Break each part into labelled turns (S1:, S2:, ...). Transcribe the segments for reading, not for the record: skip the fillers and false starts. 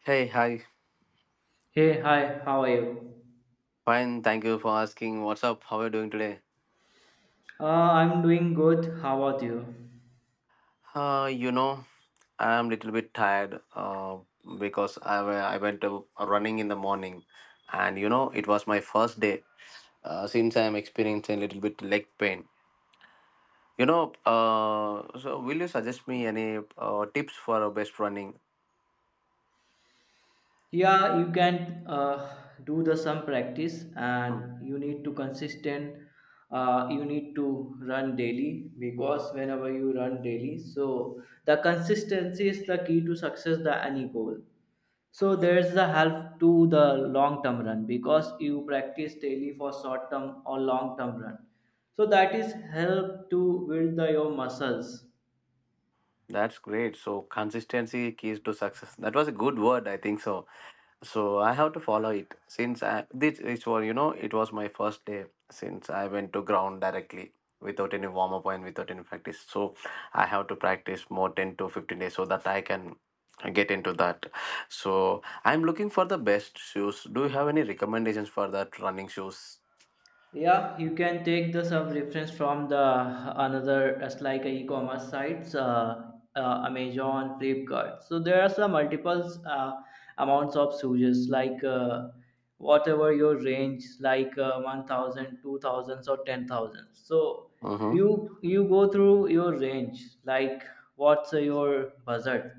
S1: Hey, hi.
S2: Hey, hi, how are you?
S1: Fine, thank you for asking. What's up? How are you doing today?
S2: I'm doing good. How about you?
S1: Uh, you know, I'm a little bit tired, because I went to running in the morning, and it was my first day, since I'm experiencing a little bit leg pain. So will you suggest me any tips for a best running?
S2: Yeah, you can do the some practice,
S1: Hmm.
S2: and you need to consistent. You need to run daily because whenever you run daily, so the consistency is the key to success the any goal. So there's the help to the long term run because you practice daily for short term or long term run. So that is help to build the, your muscles.
S1: That's great. So consistency keys to success. That was a good word, I think so. So I have to follow it. Since I this is for, it was my first day, since I went to ground directly without any warm up and without any practice. So I have to practice more 10 to 15 days so that I can get into that. So I'm looking for the best shoes. Do you have any recommendations for that running shoes?
S2: Yeah, you can take the some reference from the another as like a e-commerce sites, amazon flipkart. So there are some multiples amounts of shoes like whatever your range like 1,000 or 10,000. So
S1: Mm-hmm.
S2: you go through your range like what's your budget.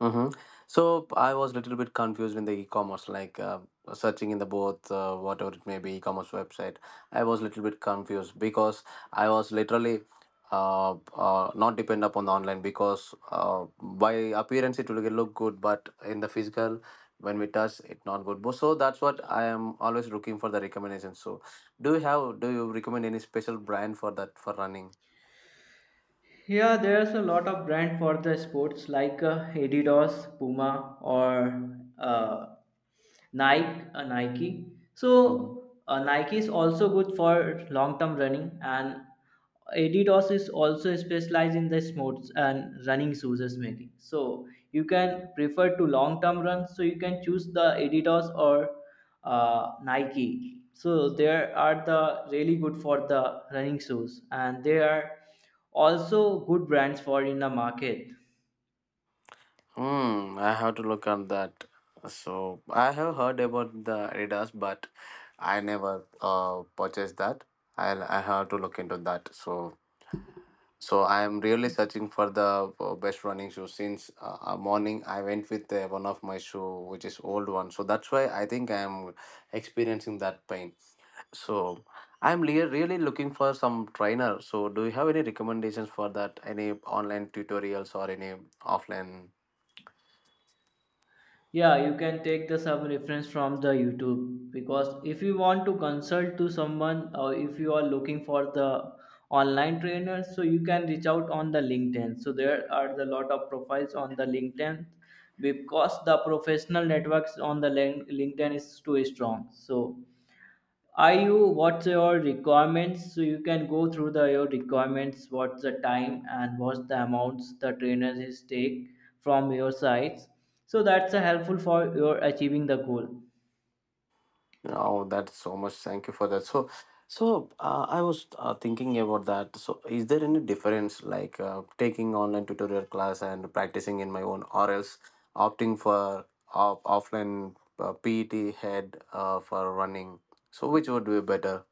S1: Mm-hmm. So I was a little bit confused in the e-commerce, like, searching in the both, whatever it may be e-commerce website. I was a little bit confused because I was literally, not depend upon the online, because, by appearance it will look good, but in the physical when we touch it not good. So that's what I am always looking for the recommendations. So do you recommend any special brand for that, for running?
S2: Yeah, there's a lot of brand for the sports like Adidas, Puma, or Nike.
S1: Mm-hmm.
S2: So Nike is also good for long-term running, and Adidas is also specialized in the sports and running shoes is making. So you can prefer to long term runs. So you can choose the Adidas or Nike. So there are the really good for the running shoes, and they are also good brands for in the market.
S1: Hmm, I have to look on that. So I have heard about the Adidas, but I never purchased that. I have to look into that. So so I am really searching for the best running shoe. Since morning I went with one of my shoe, which is old one. So that's why I think I am experiencing that pain. So really looking for some trainer. So do you have any recommendations for that? Any online tutorials or any offline?
S2: Yeah, you can take the sub reference from the youtube because if you want to consult to someone or if you are looking for the online trainer, so you can reach out on the linkedin. So there are the lot of profiles on the linkedin because the professional networks on the linkedin is too strong. So are you, what's your requirements? So you can go through the your requirements, what's the time and what's the amounts the trainers is take from your sides. So that's a helpful for your achieving the goal.
S1: Oh, that's so much. Thank you for that. So, so I was thinking about that. So, is there any difference like taking online tutorial class and practicing in my own, or else opting for offline PET head, for running? So, which would be better?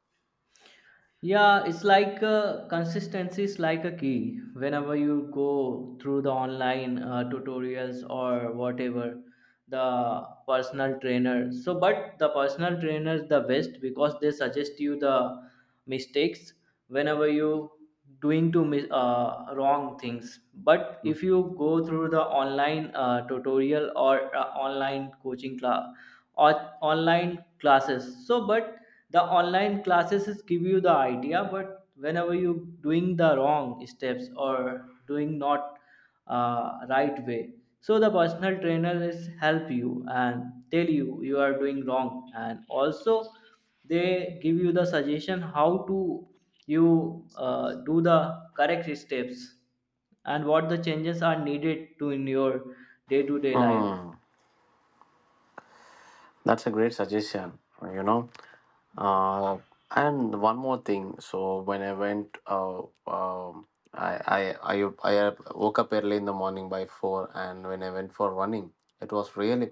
S2: Yeah, it's like consistency is like a key. Whenever you go through the online tutorials or whatever, the personal trainer. So, but the personal trainer is the best because they suggest you the mistakes whenever you doing to wrong things. But if you go through the online tutorial or online coaching class or online classes. So but the online classes is give you the idea, but whenever you doing the wrong steps or doing not right way, so the personal trainer is help you and tell you you are doing wrong and also they give you the suggestion how to you do the correct steps and what the changes are needed to in your day to day life.
S1: Mm. That's a great suggestion, you know. Uh, and one more thing. So when I went, I, I I I woke up early in the morning by four, and when I went for running, it was really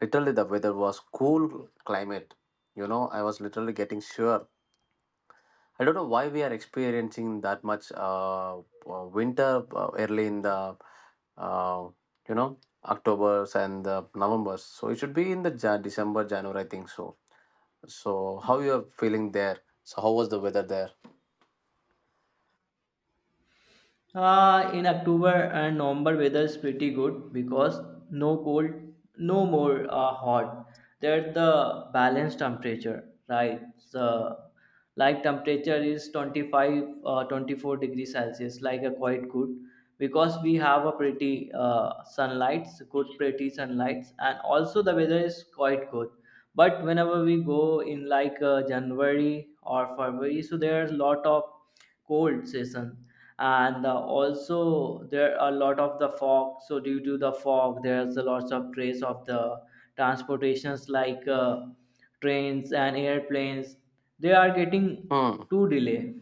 S1: literally the weather was cool climate. You know, I was literally getting sure. I don't know why we are experiencing that much, winter, early in the, uh, you know October's and the November's. So it should be in the December, January, I think so. So, how you are feeling there? So, how was the weather there?
S2: In October and November, weather is pretty good because no cold, no more hot. There's the balanced temperature, right? So, like temperature is 25, 24 degrees Celsius, like a quite good because we have a pretty sunlights, good pretty sunlights, and also the weather is quite good. But whenever we go in like January or February, so there's a lot of cold season and also there are a lot of the fog. So due to the fog there's a lots of trace of the transportations like trains and airplanes. They are getting
S1: Hmm.
S2: too delay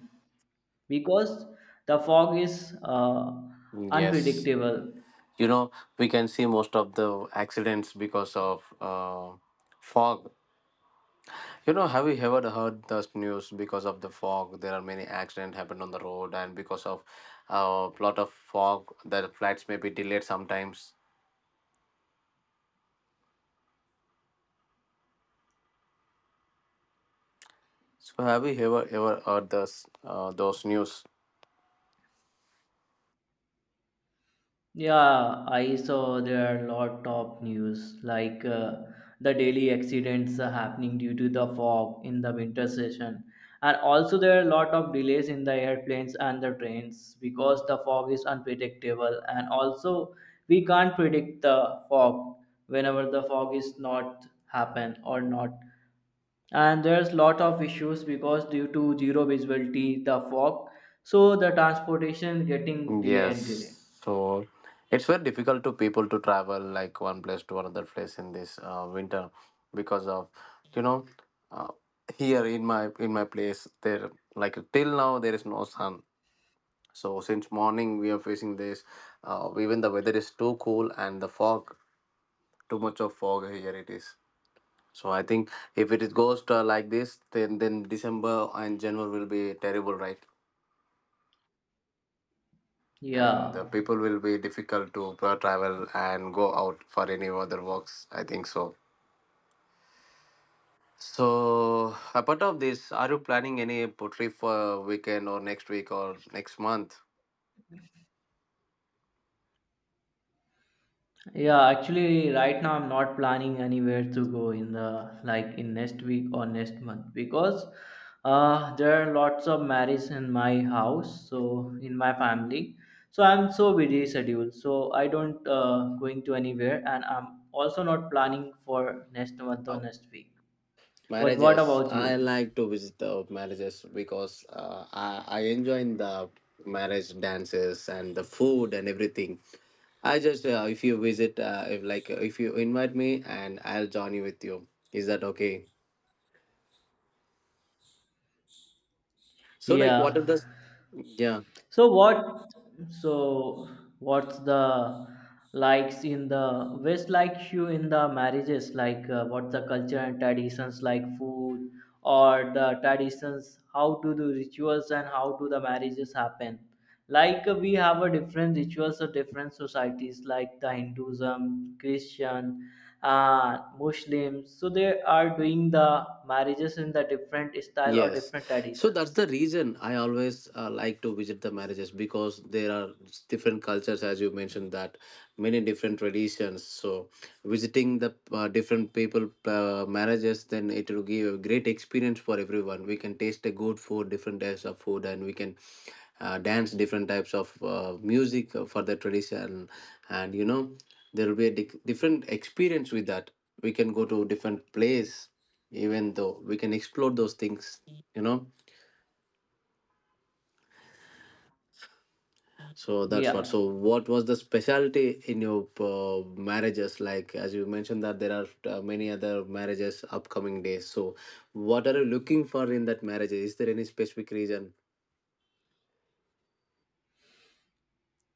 S2: because the fog is
S1: Yes.
S2: unpredictable.
S1: You know, we can see most of the accidents because of, fog. You know, have you ever heard the news because of the fog? There are many accidents happened on the road, and because of a lot of fog, the flights may be delayed sometimes. So, have you ever heard this, those news?
S2: Yeah, I saw there are a lot of news like the daily accidents are happening due to the fog in the winter session, and also there are a lot of delays in the airplanes and the trains because the fog is unpredictable, and also we can't predict the fog whenever the fog is not happen or not. And there's lot of issues because due to zero visibility the fog, so the transportation getting delay
S1: Yes.
S2: and delay.
S1: So it's very difficult to people to travel like one place to another place in this, winter, because of, you know uh, here in my place there, like till now there is no sun. So since morning we are facing this. Even the weather is too cool and the fog, too much of fog here it is. So I think if it is goes to like this, then December and January will be terrible, right? And
S2: Yeah.
S1: the people will be difficult to travel and go out for any other works, I think so. So apart of this, are you planning any trip for weekend or next week or next month?
S2: Yeah, actually right now I'm not planning anywhere to go in the like in next week or next month because there are lots of marriage in my house, so in my family. So I'm so busy schedule. So I don't going to anywhere and I'm also not planning for next month or next week. What
S1: Marriages,
S2: about
S1: I
S2: you?
S1: like to visit the marriages because, I enjoy in the marriage dances and the food and everything. I just, if you visit, if like, if you invite me and I'll join you with you, is that okay? So like what are
S2: Yeah.
S1: the... Yeah.
S2: So what? So what's the likes in the West like you in the marriages like what the culture and traditions like food or the traditions how to do rituals and how do the marriages happen? Like we have a different rituals of different societies like the Hinduism, Christian, Muslims. So they are doing the marriages in the different style or
S1: Yes,
S2: different
S1: so that's
S2: traditions.
S1: the reason I always, like to visit the marriages, because there are different cultures, as you mentioned, that many different traditions. So visiting the, different people, marriages, then it will give a great experience for everyone. We can taste a good food, different types of food, and we can, dance different types of, music for the tradition. And there will be a different experience with that. We can go to different place, even though we can explore those things you know So that's what.
S2: Yeah.
S1: So what was the specialty in your, marriages? Like as you mentioned, that there are, many other marriages upcoming days. So what are you looking for in that marriage? Is there any specific reason?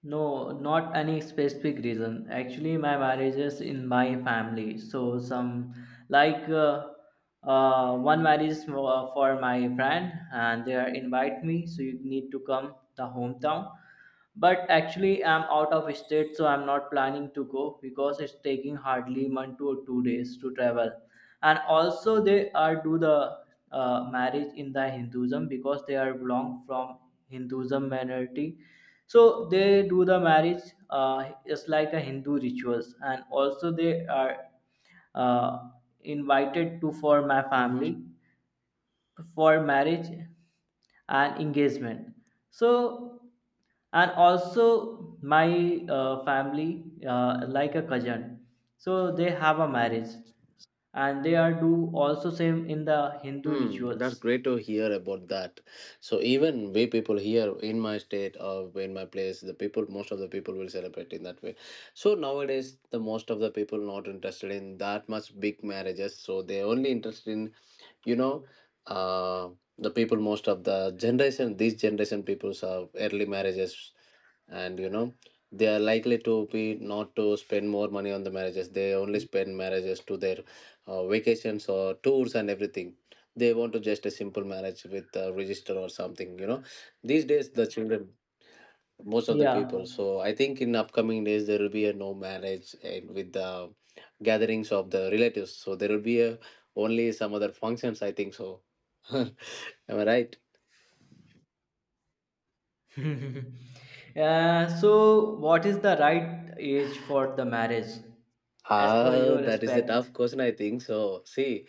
S2: No, not any specific reason. Actually, my marriage is in my family. So some like uh, one marriage is for my friend, and they are invite me. So you need to come the hometown. But actually, I'm out of state, so I'm not planning to go because it's taking hardly 1 to 2 days to travel. And also, they are do the marriage in the Hinduism because they are belong from Hinduism minority. So they do the marriage just like a hindu rituals and also they are uh, invited to for my
S1: Mm-hmm.
S2: family for marriage and engagement. So and also my family like a cousin, so they have a
S1: Hmm.
S2: marriage and they are do also same in the hindu
S1: Hmm,
S2: rituals.
S1: that's great to hear about that. So even we people here in my state or in my place, the people, most of the people will celebrate in that way. So nowadays, the most of the people not interested in that much big marriages. So they're only interested in, you know uh, the people, most of the generation, these generation peoples have early marriages. And they are likely to be not to spend more money on the marriages. They only spend marriages to their, vacations or tours and everything. They want to just a simple marriage with a register or something, these days, the children, most of the
S2: Yeah.
S1: people. So I think in upcoming days there will be a no marriage and with the gatherings of the relatives. So there will be a only some other functions, I think so. Am I right?
S2: So, what is the right age for the marriage, as per
S1: Ah,
S2: your
S1: that is a
S2: respect?
S1: tough question, I think. So, see,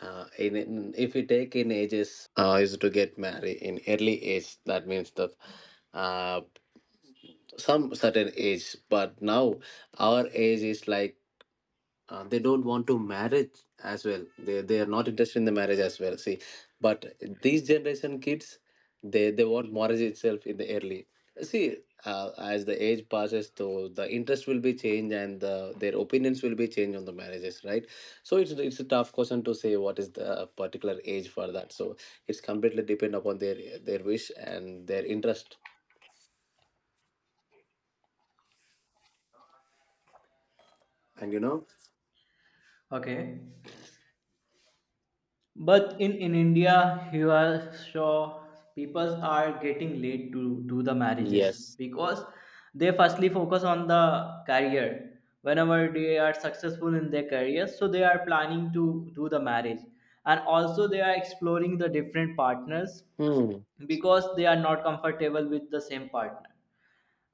S1: in if we take in ages, is to get married in early age. That means that, uh, some certain age, but now our age is like, they don't want to marriage as well. They are not interested in the marriage as well. See, but these generation kids they want marriage itself in the early. See, as the age passes though the interest will be changed and their opinions will be changed on the marriages, right? So it's a tough question to say what is the, particular age for that. So it's completely depend upon their wish and their interest and you know
S2: Okay, but in India, you are sure people are getting late to do the marriages
S1: Yes.
S2: because they firstly focus on the career. Whenever they are successful in their career, so they are planning to do the marriage, and also they are exploring the different partners
S1: Hmm.
S2: because they are not comfortable with the same partner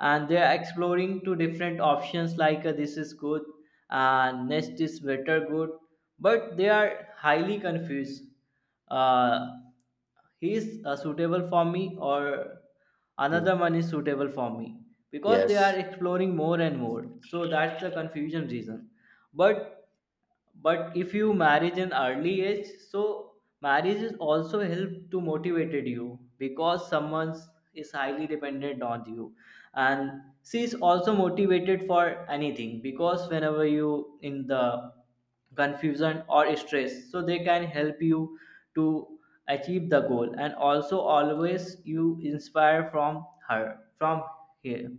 S2: and they are exploring two different options like this is good and next is better good, but they are highly confused. uh, he is suitable for me or
S1: Hmm.
S2: another one is suitable for me because they are
S1: Yes.
S2: exploring more and more, so that's the confusion reason. But but if you marriage in early age, so marriage is also help to motivated you because someone is highly dependent on you and she is also motivated for anything because whenever you in the confusion or stress, so they can help you to achieve the goal and also always you inspire from her from here.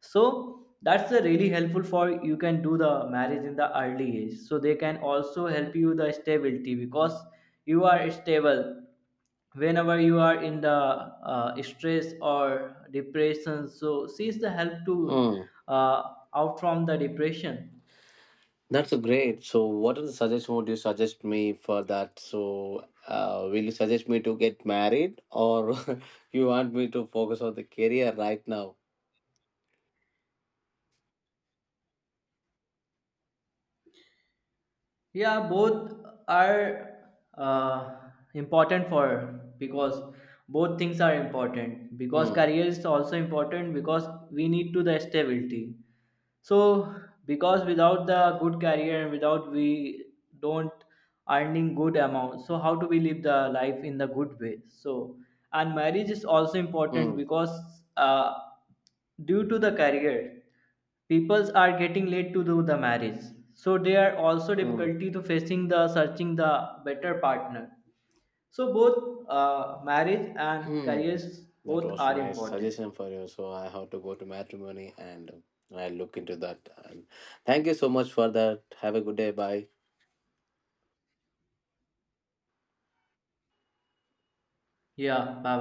S2: So that's the really helpful for you can do the marriage in the early age, so they can also help you the stability because you are stable whenever you are in the stress or depression, so sees the help to
S1: Hmm.
S2: out from the depression.
S1: That's a great. So, what are the suggestions would you suggest me for that? So, will you suggest me to get married, or you want me to focus on the career right now?
S2: Yeah, both are uh, important for because both things are important because
S1: Hmm.
S2: career is also important because we need to the stability. So because without the good career and without we don't earning good amount, so how do we live the life in the good way? So and marriage is also important
S1: Hmm.
S2: because due to the career. Peoples are getting late to do the marriage, so they are also
S1: Hmm.
S2: difficulty to facing the searching the better partner. So both marriage and
S1: Hmm.
S2: careers
S1: That
S2: both
S1: was
S2: are
S1: nice
S2: important.
S1: suggestion for you. So, I have to go to matrimony and, I'll look into that. And thank you so much for that. Have a good day. Bye.
S2: Yeah, bye